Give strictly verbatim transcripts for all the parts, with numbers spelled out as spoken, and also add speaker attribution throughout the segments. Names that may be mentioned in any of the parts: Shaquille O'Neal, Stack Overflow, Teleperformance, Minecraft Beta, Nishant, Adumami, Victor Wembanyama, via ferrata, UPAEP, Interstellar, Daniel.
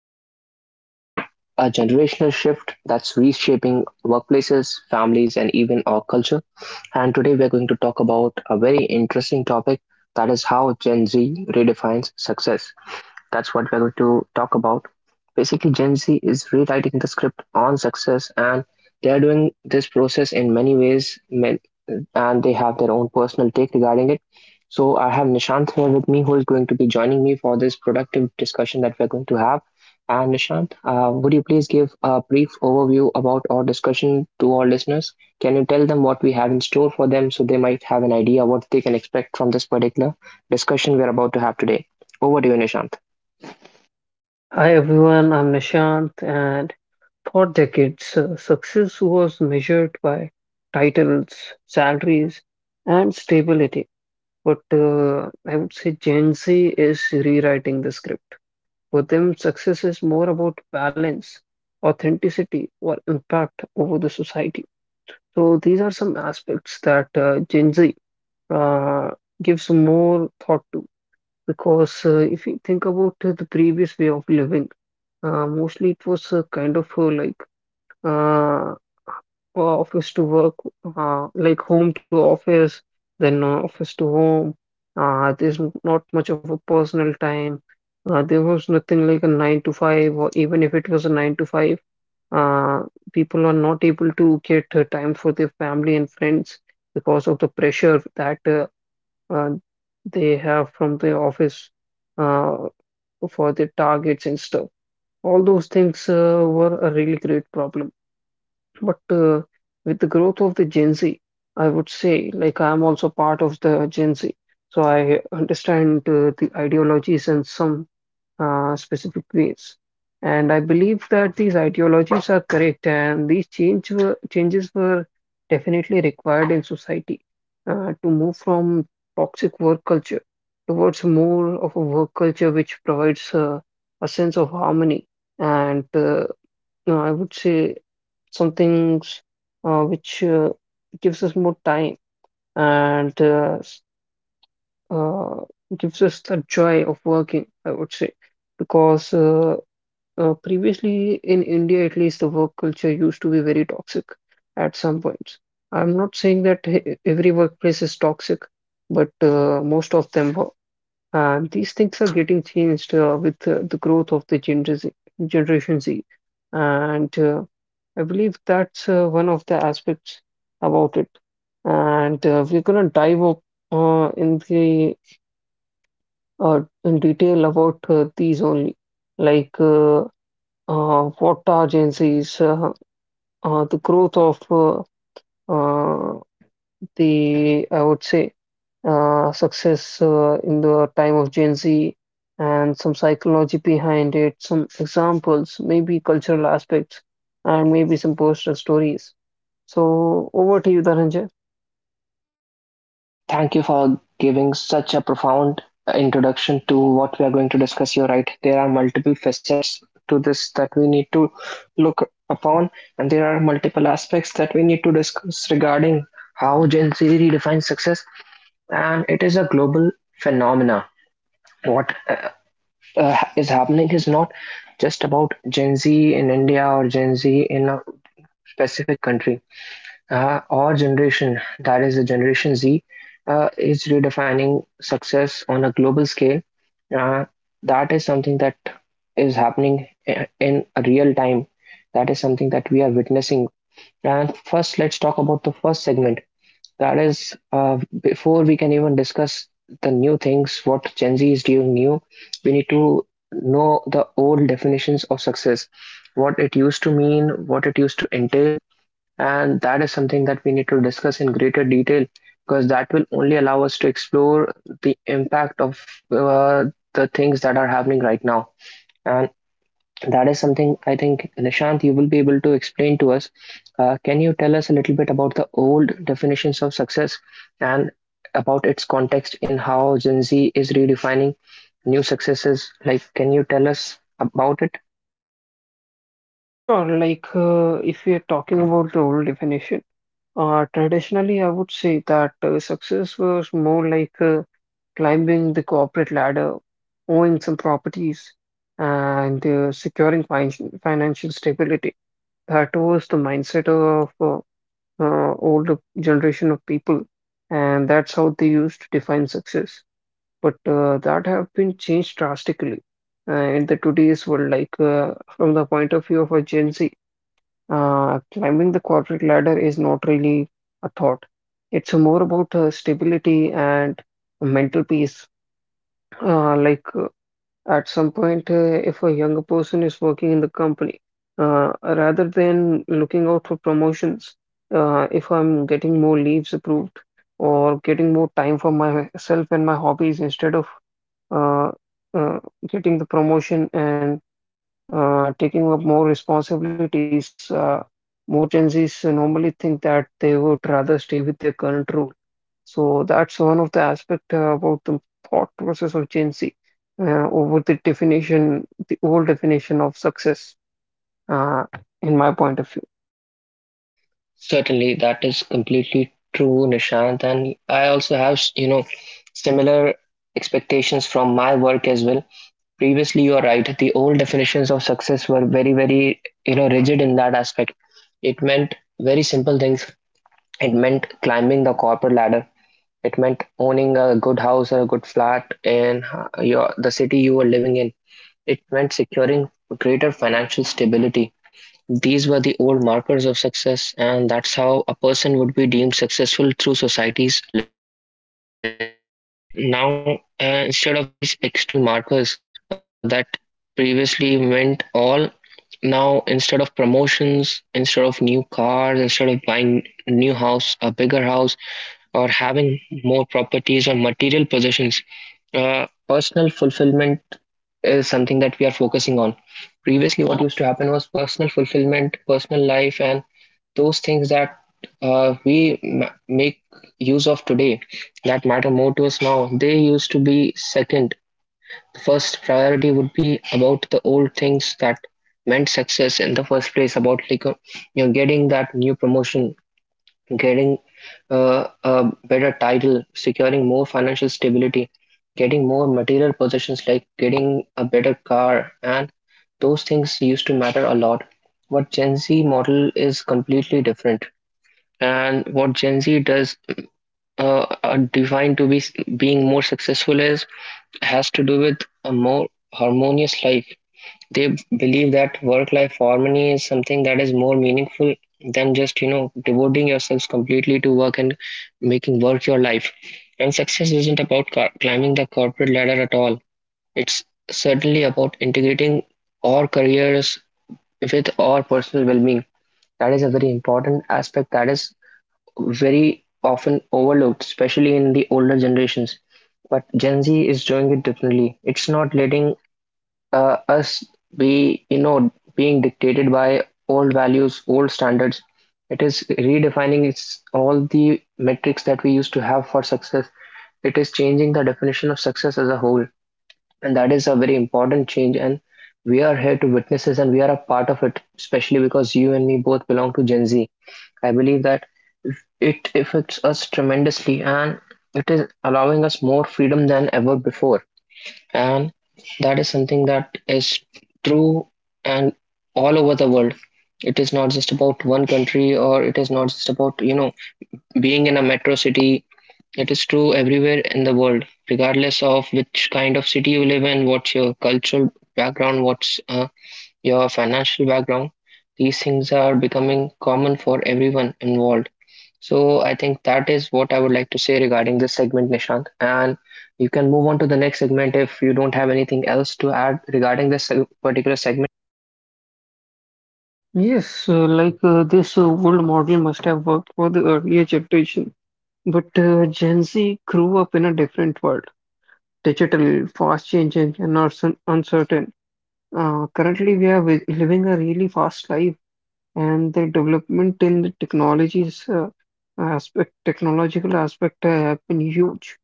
Speaker 1: Today, we are exploring a generational shift that's reshaping workplaces, families, and even our culture. And today, we're going to talk about a very interesting topic that is how Gen Z redefines success. That's what we're going to talk about. Basically, Gen Z is rewriting the script on success, and they are doing this process in many ways, and they have their own personal take regarding it. So, I have Nishant here with me, who is going to be joining me for this productive discussion that we're going to have. And Nishant, uh, would you please give a brief overview about our discussion to our listeners? Can you tell them what we have in store for them so they might have an idea what they can expect from this particular discussion we're about to have today? Over to you, Nishant.
Speaker 2: Hi everyone, I'm Nishant, and for decades, uh, success was measured by titles, salaries, and stability. But uh, I would say Gen Z is rewriting the script. For them, success is more about balance, authenticity, or impact over the society. So these are some aspects that uh, Gen Z uh, gives more thought to. Because uh, if you think about uh, the previous way of living, uh, mostly it was uh, kind of uh, like uh, office to work, uh, like home to office, then uh, office to home. Uh, there's n- not much of a personal time. Uh, there was nothing like a nine to five, or even if it was a nine to five, uh, people are not able to get uh, time for their family and friends because of the pressure that uh, uh, they have from the office. Uh, for the targets and stuff. All those things uh, were a really great problem. But uh, with the growth of the Gen Z, I would say, like, I'm also part of the Gen Z. So I understand uh, the ideologies and some uh, specific ways. And I believe that these ideologies are correct, and these change were, changes were definitely required in society uh, to move from toxic work culture towards more of a work culture which provides uh, a sense of harmony. And uh, no, I would say some things uh, which uh, gives us more time and uh, s- uh, gives us the joy of working, I would say, because uh, uh, previously, in India at least, the work culture used to be very toxic at some points. I'm not saying that e- every workplace is toxic, but uh, most of them were. And these things are getting changed uh, with uh, the growth of the Gen Z, Generation Z. And uh, I believe that's uh, one of the aspects about it. And uh, we're going to dive up uh, in the uh, in detail about uh, these only. Like uh, uh, what agencies, uh, uh, the growth of uh, uh, the, I would say, uh, success uh, in the time of Gen Z and some psychology behind it, some examples, maybe cultural aspects, and maybe some personal stories. So, over to you, Dhananjay.
Speaker 1: Thank you for giving such a profound introduction to what we are going to discuss. You're right, there are multiple facets to this that we need to look upon, and there are multiple aspects that we need to discuss regarding how Gen Z redefines success. And it is a global phenomena. What uh, uh, is happening is not just about Gen Z in India or Gen Z in a specific country, uh, our generation, that is the Generation Z, uh, is redefining success on a global scale. Uh, that is something that is happening i- in real time. That is something that we are witnessing. And first, let's talk about the first segment. That is, uh, before we can even discuss the new things, what Gen Z is doing new, we need to know the old definitions of success, what it used to mean, what it used to entail, and that is something that we need to discuss in greater detail because that will only allow us to explore the impact of uh, the things that are happening right now. And that is something I think, Nishant, you will be able to explain to us. Uh, can you tell us a little bit about the old definitions of success and about its context in how Gen Z is redefining new successes? Like, can you tell us about it?
Speaker 2: Sure, like uh, if we are talking about the old definition, uh, traditionally I would say that uh, success was more like uh, climbing the corporate ladder, owning some properties, and uh, securing fin- financial stability. That was the mindset of uh, uh, older generation of people, and that's how they used to define success. But uh, that have been changed drastically uh, in the today's world. Like uh, from the point of view of a Gen Z, uh, climbing the corporate ladder is not really a thought. It's more about uh, stability and mental peace uh, like uh, at some point, uh, if a younger person is working in the company, uh, rather than looking out for promotions, uh, if I'm getting more leaves approved or getting more time for myself and my hobbies instead of uh, uh, getting the promotion and uh, taking up more responsibilities, uh, more Gen Zs normally think that they would rather stay with their current role. So that's one of the aspect uh, about the thought process of Gen Z uh, over the definition, the old definition of success, uh, in my point of view.
Speaker 1: Certainly, that is completely true, Nishant. And I also have, you know, similar expectations from my work as well. Previously, you are right. The old definitions of success were very, very, you know, rigid in that aspect. It meant very simple things. It meant climbing the corporate ladder. It meant owning a good house or a good flat in uh, your the city you were living in. It meant securing greater financial stability. These were the old markers of success, and that's how a person would be deemed successful through society's lens. But now, uh, instead of these external markers uh, that previously meant all, now instead of promotions, instead of new cars, instead of buying a new house, a bigger house, or having more properties or material possessions, uh, personal fulfillment is something that we are focusing on. Previously, what used to happen was personal fulfillment, personal life, and those things that uh, we ma- make use of today, that matter more to us now, they used to be second. The first priority would be about the old things that meant success in the first place, about like uh, you know, getting that new promotion, getting uh, a better title, securing more financial stability, getting more material possessions like getting a better car, and those things used to matter a lot. But Gen Z model is completely different. And what Gen Z does uh, are defined to be s- being more successful is, has to do with a more harmonious life. They believe that work-life harmony is something that is more meaningful than just, you know, devoting yourselves completely to work and making work your life. And success isn't about car- climbing the corporate ladder at all. It's certainly about integrating our careers with our personal well-being. That is a very important aspect that is very often overlooked, especially in the older generations. But Gen Z is doing it differently. It's not letting uh, us be, you know, being dictated by old values, old standards. It is redefining its all the metrics that we used to have for success. It is changing the definition of success as a whole, and that is a very important change. And we are here to witness this, and we are a part of it, especially because you and me both belong to Gen Z. I believe that it affects us tremendously, and it is allowing us more freedom than ever before. And that is something that is true and all over the world. It is not just about one country, or it is not just about, you know, being in a metro city. It is true everywhere in the world, regardless of which kind of city you live in, what's your cultural background, what's uh, your financial background. These things are becoming common for everyone involved. So I think that is what I would like to say regarding this segment, Nishant. And you can move on to the next segment if you don't have anything else to add regarding this seg- particular segment.
Speaker 2: Yes, uh, like uh, this uh, old model must have worked for the earlier generation, but uh, Gen Z grew up in a different world, digital, fast changing, and also uncertain. Uh, currently, we are wi- living a really fast life and the development in the technologies uh, aspect, technological aspect uh, have been huge.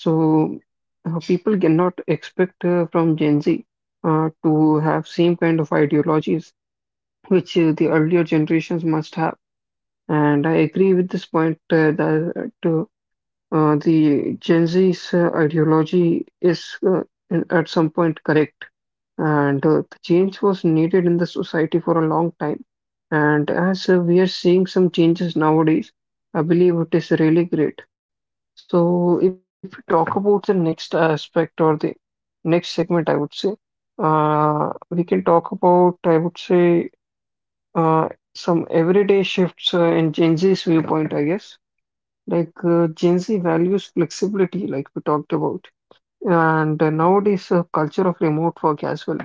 Speaker 2: So uh, people cannot expect uh, from Gen Z uh, to have same kind of ideologies which uh, the earlier generations must have. And I agree with this point uh, that uh, uh, the Gen Z's uh, ideology is uh, in- at some point correct and uh, the change was needed in the society for a long time. And as uh, we are seeing some changes nowadays, I believe it is really great. So, if we talk about the next aspect or the next segment, I would say, uh, we can talk about, I would say, uh, some everyday shifts uh, in Gen Z's viewpoint, I guess. Like uh, Gen Z values flexibility, like we talked about. And uh, nowadays, uh, culture of remote work as well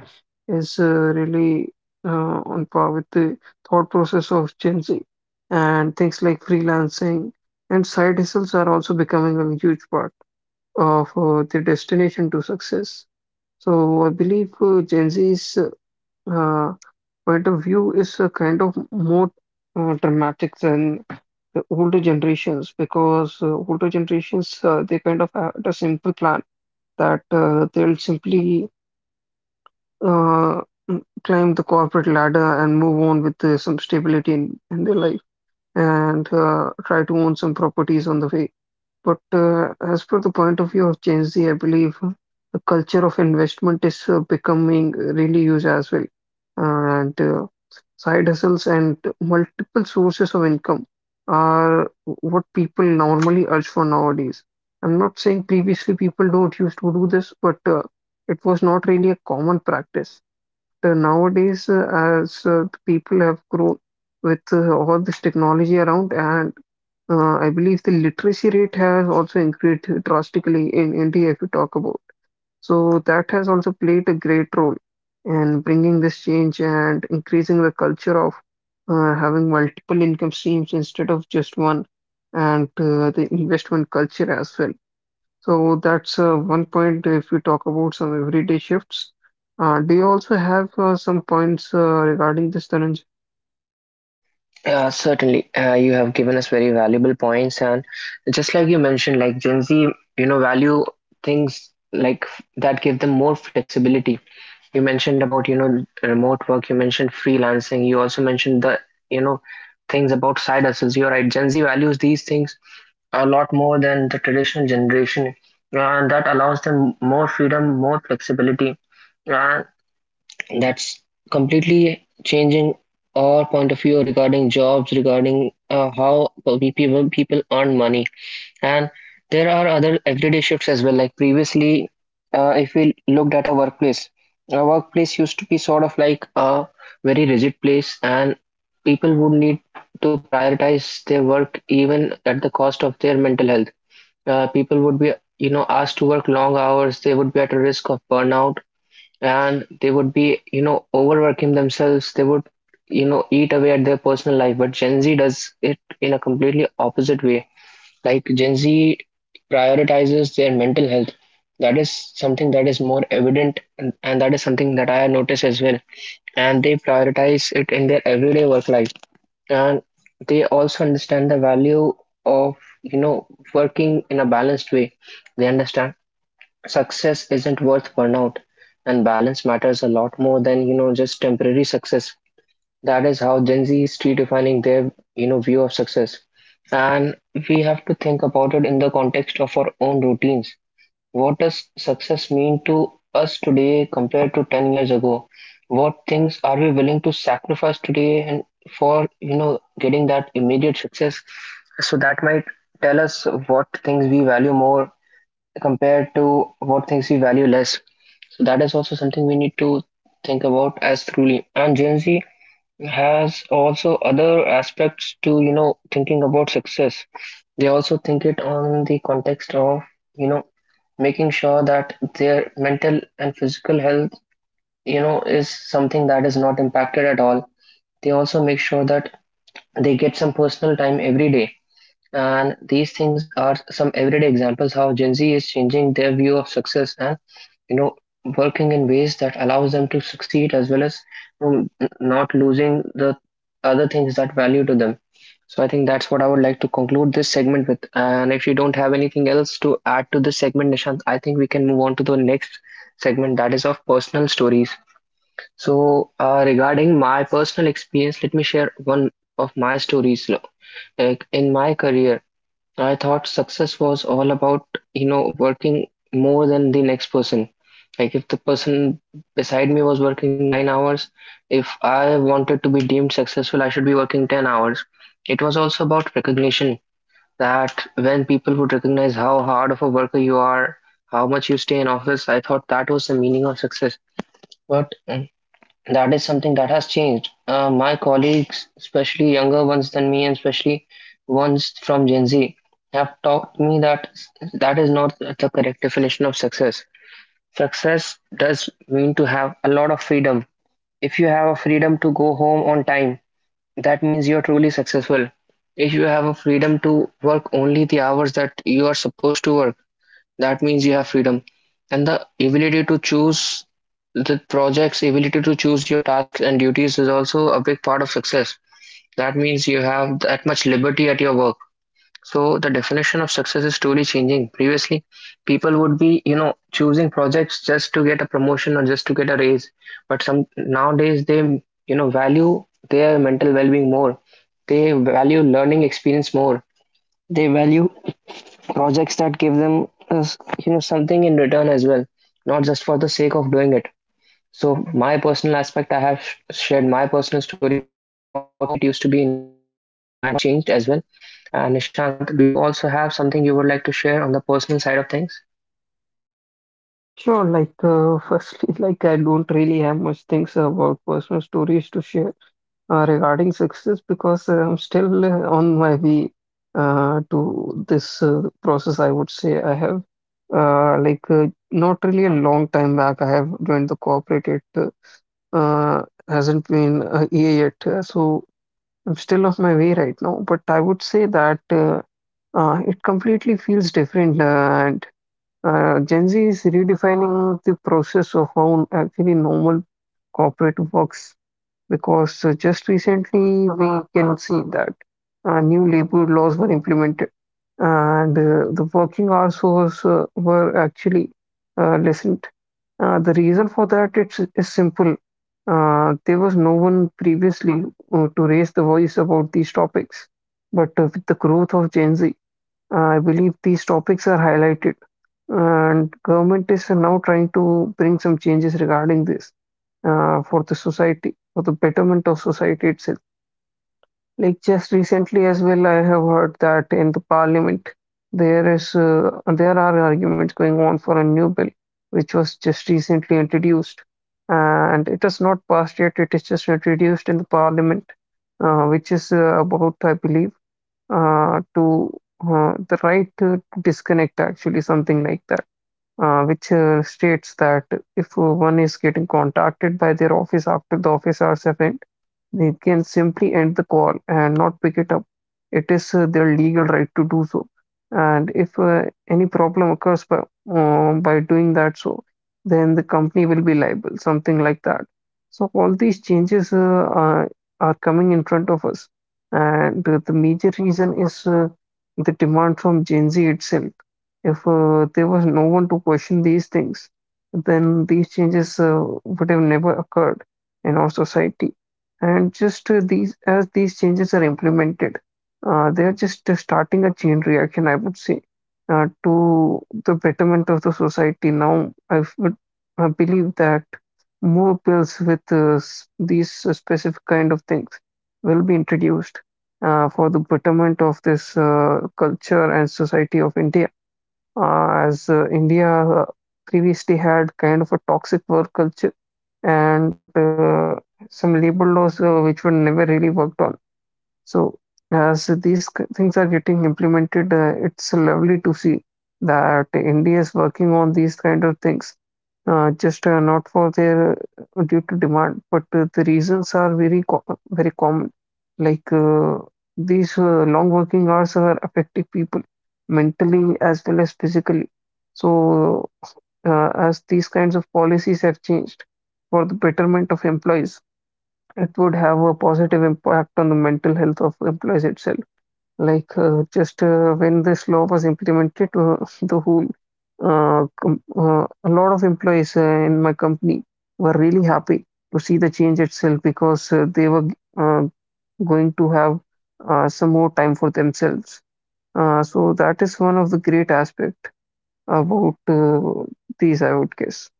Speaker 2: is uh, really uh, on par with the thought process of Gen Z. And things like freelancing and side hustles are also becoming a huge part of uh, the destination to success. So I believe uh, Gen Z's uh, point of view is uh, kind of more uh, dramatic than the older generations because uh, older generations uh, they kind of had a simple plan that uh, they'll simply uh, m- climb the corporate ladder and move on with uh, some stability in, in their life and uh, try to own some properties on the way. But uh, as per the point of view of Gen Z, I believe uh, the culture of investment is uh, becoming really huge as well. And uh, side hustles and multiple sources of income are what people normally urge for nowadays. I'm not saying previously people don't used to do this, but uh, it was not really a common practice. Uh, nowadays, uh, as uh, the people have grown with uh, all this technology around, and uh, I believe the literacy rate has also increased drastically in India, if you talk about. So that has also played a great role in bringing this change and increasing the culture of uh, having multiple income streams instead of just one, and uh, the investment culture as well. So that's uh, one point if you talk about some everyday shifts. Uh, do you also have uh, some points uh, regarding this, Dhananjay?
Speaker 1: Uh, certainly, uh, you have given us very valuable points, and just like you mentioned, like Gen Z, you know, value things like f- that give them more flexibility. You mentioned about, you know, remote work. You mentioned freelancing. You also mentioned the, you know, things about side hustles. You're right. Gen Z values these things a lot more than the traditional generation, and that allows them more freedom, more flexibility, and that's completely changing our point of view regarding jobs, regarding uh, how pe- people people earn money, and there are other everyday shifts as well. Like previously, uh, if we looked at a workplace, a workplace used to be sort of like a very rigid place, and people would need to prioritize their work even at the cost of their mental health. Uh, people would be, you know, asked to work long hours. They would be at a risk of burnout, and they would be, you know, overworking themselves. They would, you know, eat away at their personal life. But Gen Z does it in a completely opposite way. Like Gen Z prioritizes their mental health. That is something that is more evident, and, and that is something that I notice as well. And they prioritize it in their everyday work life. And they also understand the value of, you know, working in a balanced way. They understand success isn't worth burnout, and balance matters a lot more than, you know, just temporary success. That is how Gen Z is redefining their, you know, view of success. And we have to think about it in the context of our own routines. What does success mean to us today compared to ten years ago? What things are we willing to sacrifice today and for, you know, getting that immediate success? So that might tell us what things we value more compared to what things we value less. So that is also something we need to think about as truly. And Gen Z has also other aspects to, you know, thinking about success. They also think it on the context of, you know, making sure that their mental and physical health, you know, is something that is not impacted at all. They also make sure that they get some personal time every day, and these things are some everyday examples how Gen Z is changing their view of success and, you know, working in ways that allows them to succeed as well as, you know, not losing the other things that value to them. So I think that's what I would like to conclude this segment with. And if you don't have anything else to add to this segment, Nishant, I think we can move on to the next segment that is of personal stories. So uh, regarding my personal experience, let me share one of my stories. Like in my career, I thought success was all about, you know, working more than the next person. Like if the person beside me was working nine hours, if I wanted to be deemed successful, I should be working ten hours. It was also about recognition that when people would recognize how hard of a worker you are, how much you stay in office, I thought that was the meaning of success. But that is something that has changed. Uh, my colleagues, especially younger ones than me, and especially ones from Gen Z, have taught me that that is not the correct definition of success. Success does mean to have a lot of freedom. If you have a freedom to go home on time, that means you're truly successful. If you have a freedom to work only the hours that you are supposed to work, that means you have freedom and the ability to choose the projects, ability to choose your tasks and duties is also a big part of success. That means you have that much liberty at your work. So the definition of success is truly changing. Previously, people would be you know choosing projects just to get a promotion or just to get a raise, but some nowadays, they you know value their mental well-being more. They value learning experience more. They value projects that give them uh, you know something in return as well, not just for the sake of doing it. So my personal aspect, I have sh- shared my personal story about how it used to be in my life and how it changed as well. uh, Nishant, do you also have something you would like to share on the personal side of things?
Speaker 2: Sure, like uh, firstly, like I don't really have much things about personal stories to share uh, regarding success because uh, I'm still uh, on my way uh, to this uh, process. I would say I have uh, like uh, not really a long time back. I have joined the corporate. It uh, uh, hasn't been a year yet, uh, so I'm still on my way right now. But I would say that uh, uh, it completely feels different uh, and. Uh, Gen Z is redefining the process of how actually normal corporate works because uh, just recently we can see that uh, new labor laws were implemented and uh, the working hours was, uh, were actually uh, lessened. Uh, the reason for that it's, is simple. Uh, there was no one previously uh, to raise the voice about these topics, but uh, with the growth of Gen Z, uh, I believe these topics are highlighted, and government is now trying to bring some changes regarding this uh, for the society, for the betterment of society itself. Like just recently as well, I have heard that in the parliament there is uh, there are arguments going on for a new bill which was just recently introduced, and it has not passed yet. It is just introduced in the parliament, uh, which is uh, about I believe uh, to uh, the right to disconnect, actually, something like that, uh, which uh, states that if one is getting contacted by their office after the office hours have they can simply end the call and not pick it up. It is uh, their legal right to do so. And if uh, any problem occurs by, um, by doing that so, then the company will be liable, something like that. So all these changes uh, are, are coming in front of us. And uh, the major reason is uh, the demand from Gen Z itself. If uh, there was no one to question these things, then these changes uh, would have never occurred in our society. And just uh, these, as these changes are implemented, uh, they are just uh, starting a chain reaction, I would say, uh, to the betterment of the society. Now, I would uh, believe that more bills with uh, s- these uh, specific kind of things will be introduced uh, for the betterment of this uh, culture and society of India uh, as uh, India uh, previously had kind of a toxic work culture and uh, some labor laws uh, which were never really worked on. So as these k- things are getting implemented, uh, it's lovely to see that India is working on these kind of things, uh, just uh, not for their uh, due to demand, but uh, the reasons are very co very common. Like uh, these uh, long working hours are affecting people mentally as well as physically. So uh, as these kinds of policies have changed for the betterment of employees, it would have a positive impact on the mental health of employees itself. Like, uh, just uh, when this law was implemented, uh, the whole uh, com- uh, a lot of employees uh, in my company were really happy to see the change itself because uh, they were uh, going to have uh, some more time for themselves. Uh, so that is one of the great aspect about uh, these, I would guess.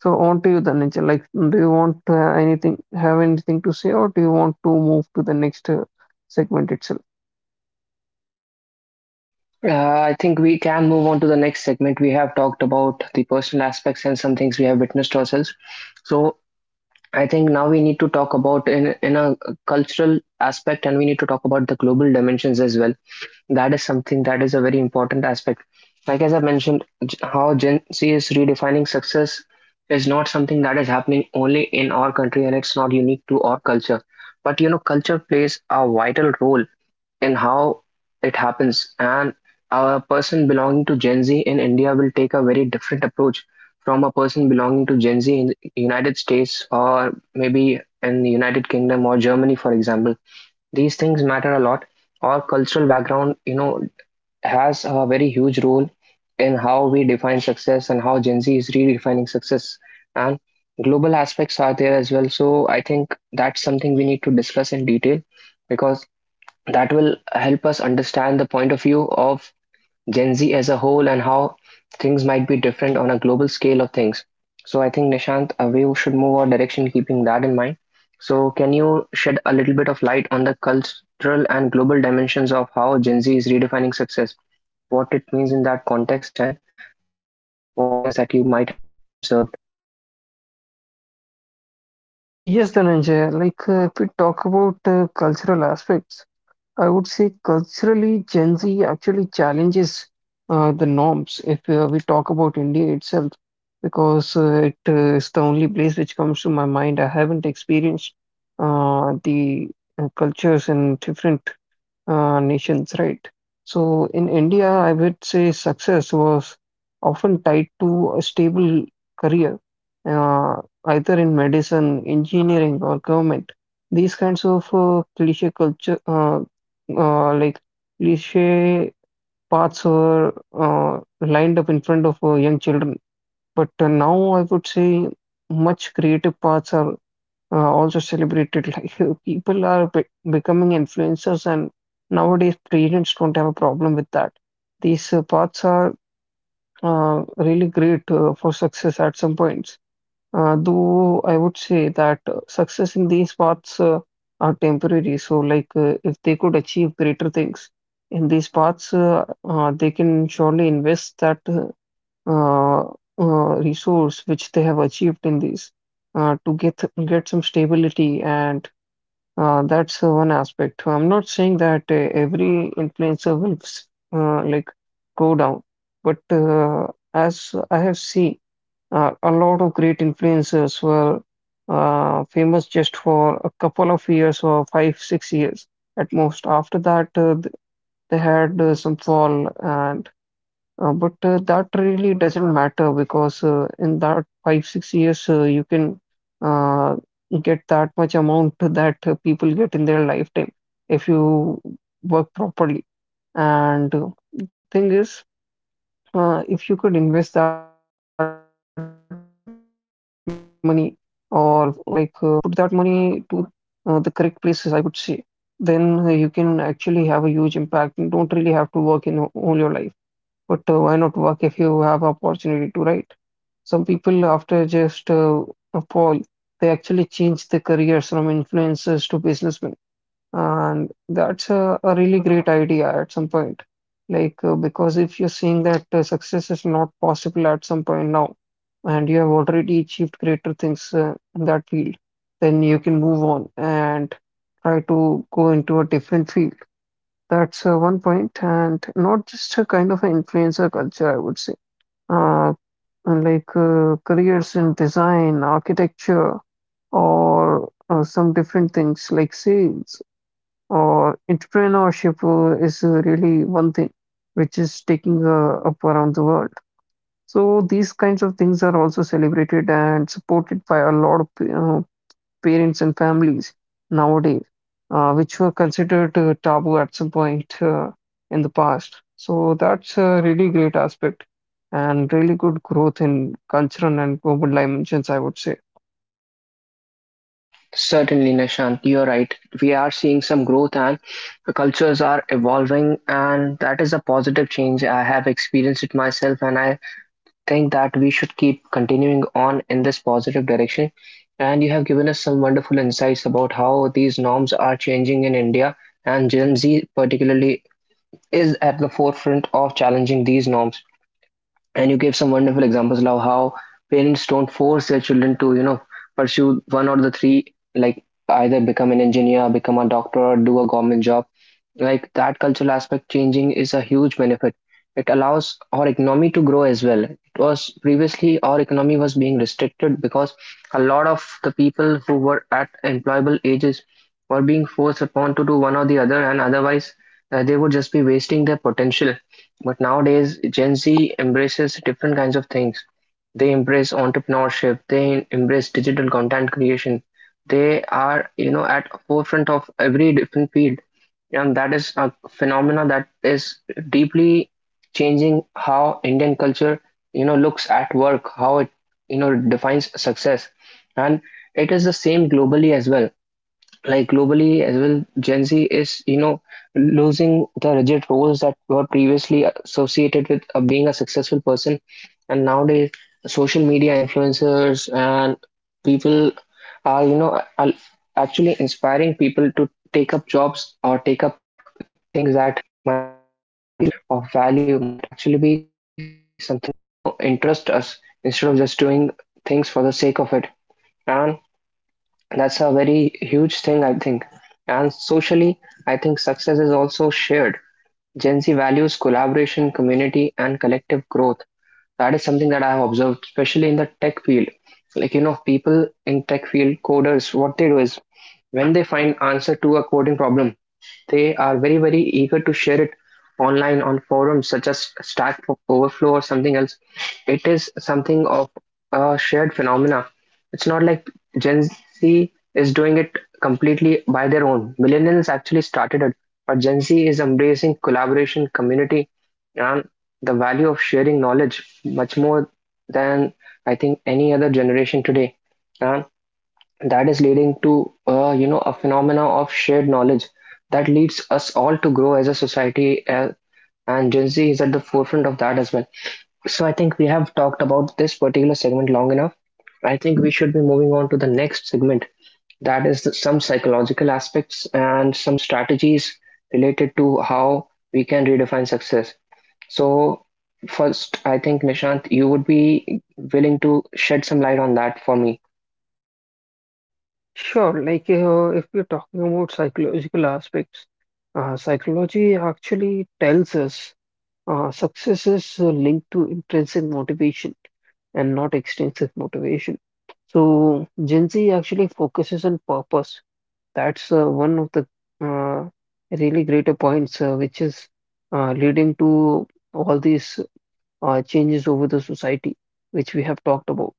Speaker 2: So on to you then. Like, do you want to have anything, have anything to say, or do you want to move to the next uh, segment itself?
Speaker 1: uh, I think we can move on to the next segment. We have talked about the personal aspects and some things we have witnessed ourselves. So I think now we need to talk about in in a cultural aspect, and we need to talk about the global dimensions as well. That is something that is a very important aspect. Like as I mentioned, j- how Gen Z is redefining success is not something that is happening only in our country, and it's not unique to our culture. But you know, culture plays a vital role in how it happens, and a person belonging to Gen Z in India will take a very different approach from a person belonging to Gen Z in the United States, or maybe in the United Kingdom or Germany, for example. These things matter a lot. Our cultural background, you know, has a very huge role in how we define success and how Gen Z is redefining success. And global aspects are there as well. So I think that's something we need to discuss in detail, because that will help us understand the point of view of Gen Z as a whole and how things might be different on a global scale of things. So I think Nishant, uh, we should move our direction keeping that in mind. So can you shed a little bit of light on the cultural and global dimensions of how Gen Z is redefining success? What it means in that context, and what can be some things that you might have observed?
Speaker 2: Yes, Dhananjay. Like, uh, if we talk about uh, cultural aspects, I would say culturally, Gen Z actually challenges uh, the norms. If uh, we talk about India itself, because uh, it uh, is the only place which comes to my mind. I haven't experienced uh, the uh, cultures in different uh, nations, right? So in India, I would say success was often tied to a stable career, uh, either in medicine, engineering, or government. These kinds of uh, cliche culture, uh, uh, like cliche paths were uh, lined up in front of uh, young children. But uh, now I would say much creative paths are uh, also celebrated. Like uh, people are be becoming influencers, and nowadays parents don't have a problem with that. These uh, paths are uh, really great uh, for success at some points. Uh, though I would say that uh, success in these paths uh, are temporary. So, like, uh, if they could achieve greater things in these paths, uh, uh, they can surely invest that uh, uh, uh, resource which they have achieved in these, uh, to get get some stability, and uh, that's uh, one aspect. I'm not saying that uh, every influencer will s- uh, like go down, but uh, as I have seen, uh, a lot of great influencers were uh, famous just for a couple of years or five, six years at most. After that, uh, th- they had uh, some fall, and uh, but uh, that really doesn't matter because uh, in that five, six years, uh, you can uh, get that much amount that uh, people get in their lifetime if you work properly. And uh, thing is, uh, if you could invest that money or uh, like uh, put that money to uh, the correct places, I would say, then uh, you can actually have a huge impact and don't really have to work in all your life. But uh, why not work if you have opportunity to, right? Some people, after just uh, a poll, they actually change their careers from influencers to businessmen. And that's a, a really great idea at some point. Like, uh, because if you're seeing that uh, success is not possible at some point now, and you have already achieved greater things uh, in that field, then you can move on and try to go into a different field. That's uh, one point, and not just a kind of an influencer culture, I would say. Uh, uh, like uh, Careers in design, architecture, or uh, some different things like sales or entrepreneurship uh, is uh, really one thing which is taking uh, up around the world. So these kinds of things are also celebrated and supported by a lot of uh, parents and families nowadays, uh, which were considered uh, taboo at some point uh, in the past. So that's a really great aspect and really good growth in cultural and global dimensions, I would say.
Speaker 1: Certainly, Nishant, you're right. We are seeing some growth and the cultures are evolving, and that is a positive change. I have experienced it myself, and I think that we should keep continuing on in this positive direction. And you have given us some wonderful insights about how these norms are changing in India, and Gen Z, particularly, is at the forefront of challenging these norms, and you gave some wonderful examples of how parents don't force their children to, you know, pursue one or the three, like either become an engineer, become a doctor, or do a government job. Like that cultural aspect changing is a huge benefit. It allows our economy to grow as well. It was previously, our economy was being restricted because a lot of the people who were at employable ages were being forced upon to do one or the other, and otherwise uh, they would just be wasting their potential. But nowadays, Gen Z embraces different kinds of things. They embrace entrepreneurship, they embrace digital content creation. They are, you know, at forefront of every different field. And that is a phenomena that is deeply changing how Indian culture, you know, looks at work, how it, you know, defines success. And it is the same globally as well. Like globally as well, Gen Z is, you know, losing the rigid roles that were previously associated with uh, being a successful person. And nowadays, social media influencers and people are, you know, are actually inspiring people to take up jobs or take up uh, things that might be actually of value, might actually be something that, you know, interest us instead of just doing things for the sake of it. And that's a very huge thing, I think. And socially, I think success is also shared. Gen Z values collaboration, community, and collective growth. That is something that I have observed, especially in the tech field. Like, you know, people in tech field, coders, what they do is when they find answer to a coding problem, they are very, very eager to share it online on forums such as Stack Overflow or something else. It is something of a shared phenomena. It's not like Gen Z is doing it completely by their own. Millennials actually started it, but Gen Z is embracing collaboration, community, and the value of sharing knowledge much more than I think any other generation today. And that is leading to uh, you know, a phenomena of shared knowledge that leads us all to grow as a society, uh, and Gen Z is at the forefront of that as well. So I think we have talked about this particular segment long enough. I think we should be moving on to the next segment. That is the, some psychological aspects and some strategies related to how we can redefine success. So first, I think Nishant, you would be willing to shed some light on that for me.
Speaker 2: Sure, like, uh, if we're talking about psychological aspects, uh, psychology actually tells us uh, success is uh, linked to intrinsic motivation and not extrinsic motivation. So Gen Z actually focuses on purpose. That's uh, one of the uh, really greater points, uh, which is uh, leading to all these uh, changes over the society, which we have talked about.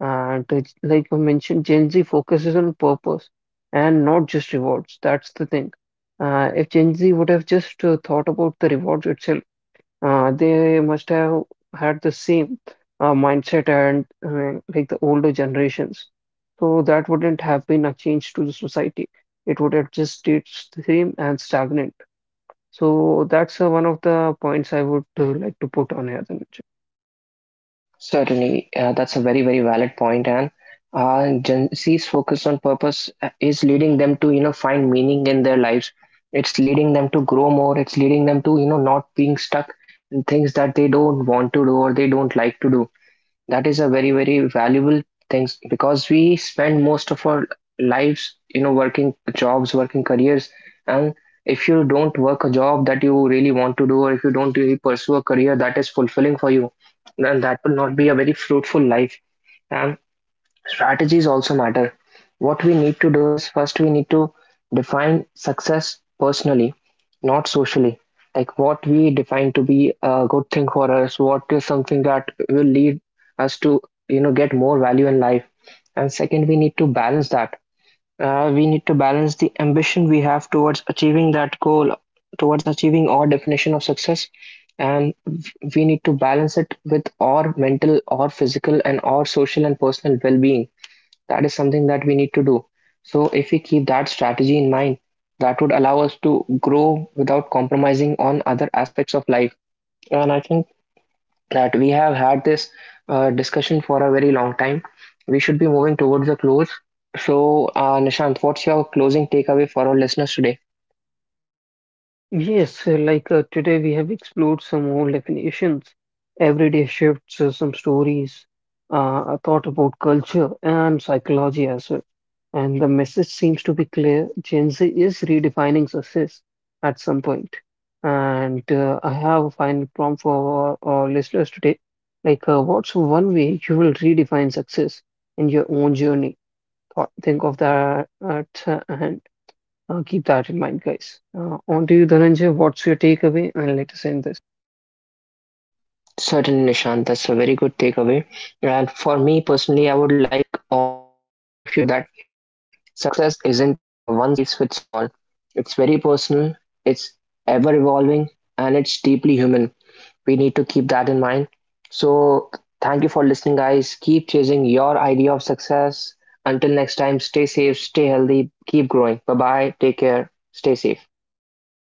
Speaker 2: And uh, like I mentioned, Gen Z focuses on purpose and not just rewards. That's the thing. Uh, if Gen Z would have just uh, thought about the rewards itself, uh, they must have had the same uh, mindset and, uh, like the older generations. So that wouldn't have been a change to the society. It would have just stayed the same and stagnant. So that's uh, one of the points I would uh, like to put on here, Dhanuj.
Speaker 1: Certainly, uh, that's a very, very valid point, and uh, Gen Z's focus on purpose uh, is leading them to, you know, find meaning in their lives. It's leading them to grow more. It's leading them to, you know, not being stuck in things that they don't want to do or they don't like to do. That is a very, very valuable thing, because we spend most of our lives, you know, working jobs, working careers. And if you don't work a job that you really want to do, or if you don't really pursue a career that is fulfilling for you, then that will not be a very fruitful life. And strategies also matter. What we need to do is, first we need to define success personally, not socially. Like what we define to be a good thing for us, what is something that will lead us to, you know, get more value in life. And second, we need to balance that. Uh, we need to balance the ambition we have towards achieving that goal, towards achieving our definition of success, and we need to balance it with our mental, our physical, and our social and personal well-being. That is something that we need to do. So if we keep that strategy in mind, that would allow us to grow without compromising on other aspects of life. And I think that we have had this uh, discussion for a very long time. We should be moving towards the close. So uh, Nishant, what's your closing takeaway for our listeners today?
Speaker 2: Yes, uh, like, uh, today we have explored some old definitions, everyday shifts, uh, some stories, uh, a thought about culture and psychology as well. And the message seems to be clear. Gen Z is redefining success at some point. And uh, I have a final prompt for our, our listeners today. Like, uh, what's one way you will redefine success in your own journey? Thought, think of that, uh, t- and uh, keep that in mind, guys. Uh, on to you, Dhananjay. What's your takeaway? And let us end this.
Speaker 1: Certainly, Nishant, that's a very good takeaway. And for me personally, I would like all of you to remember that success isn't a one size fits all. It's very personal, it's ever evolving, and it's deeply human. We need to keep that in mind. So, thank you for listening, guys. Keep chasing your idea of success. Until next time, stay safe, stay healthy, keep growing. Bye bye, take care, stay safe.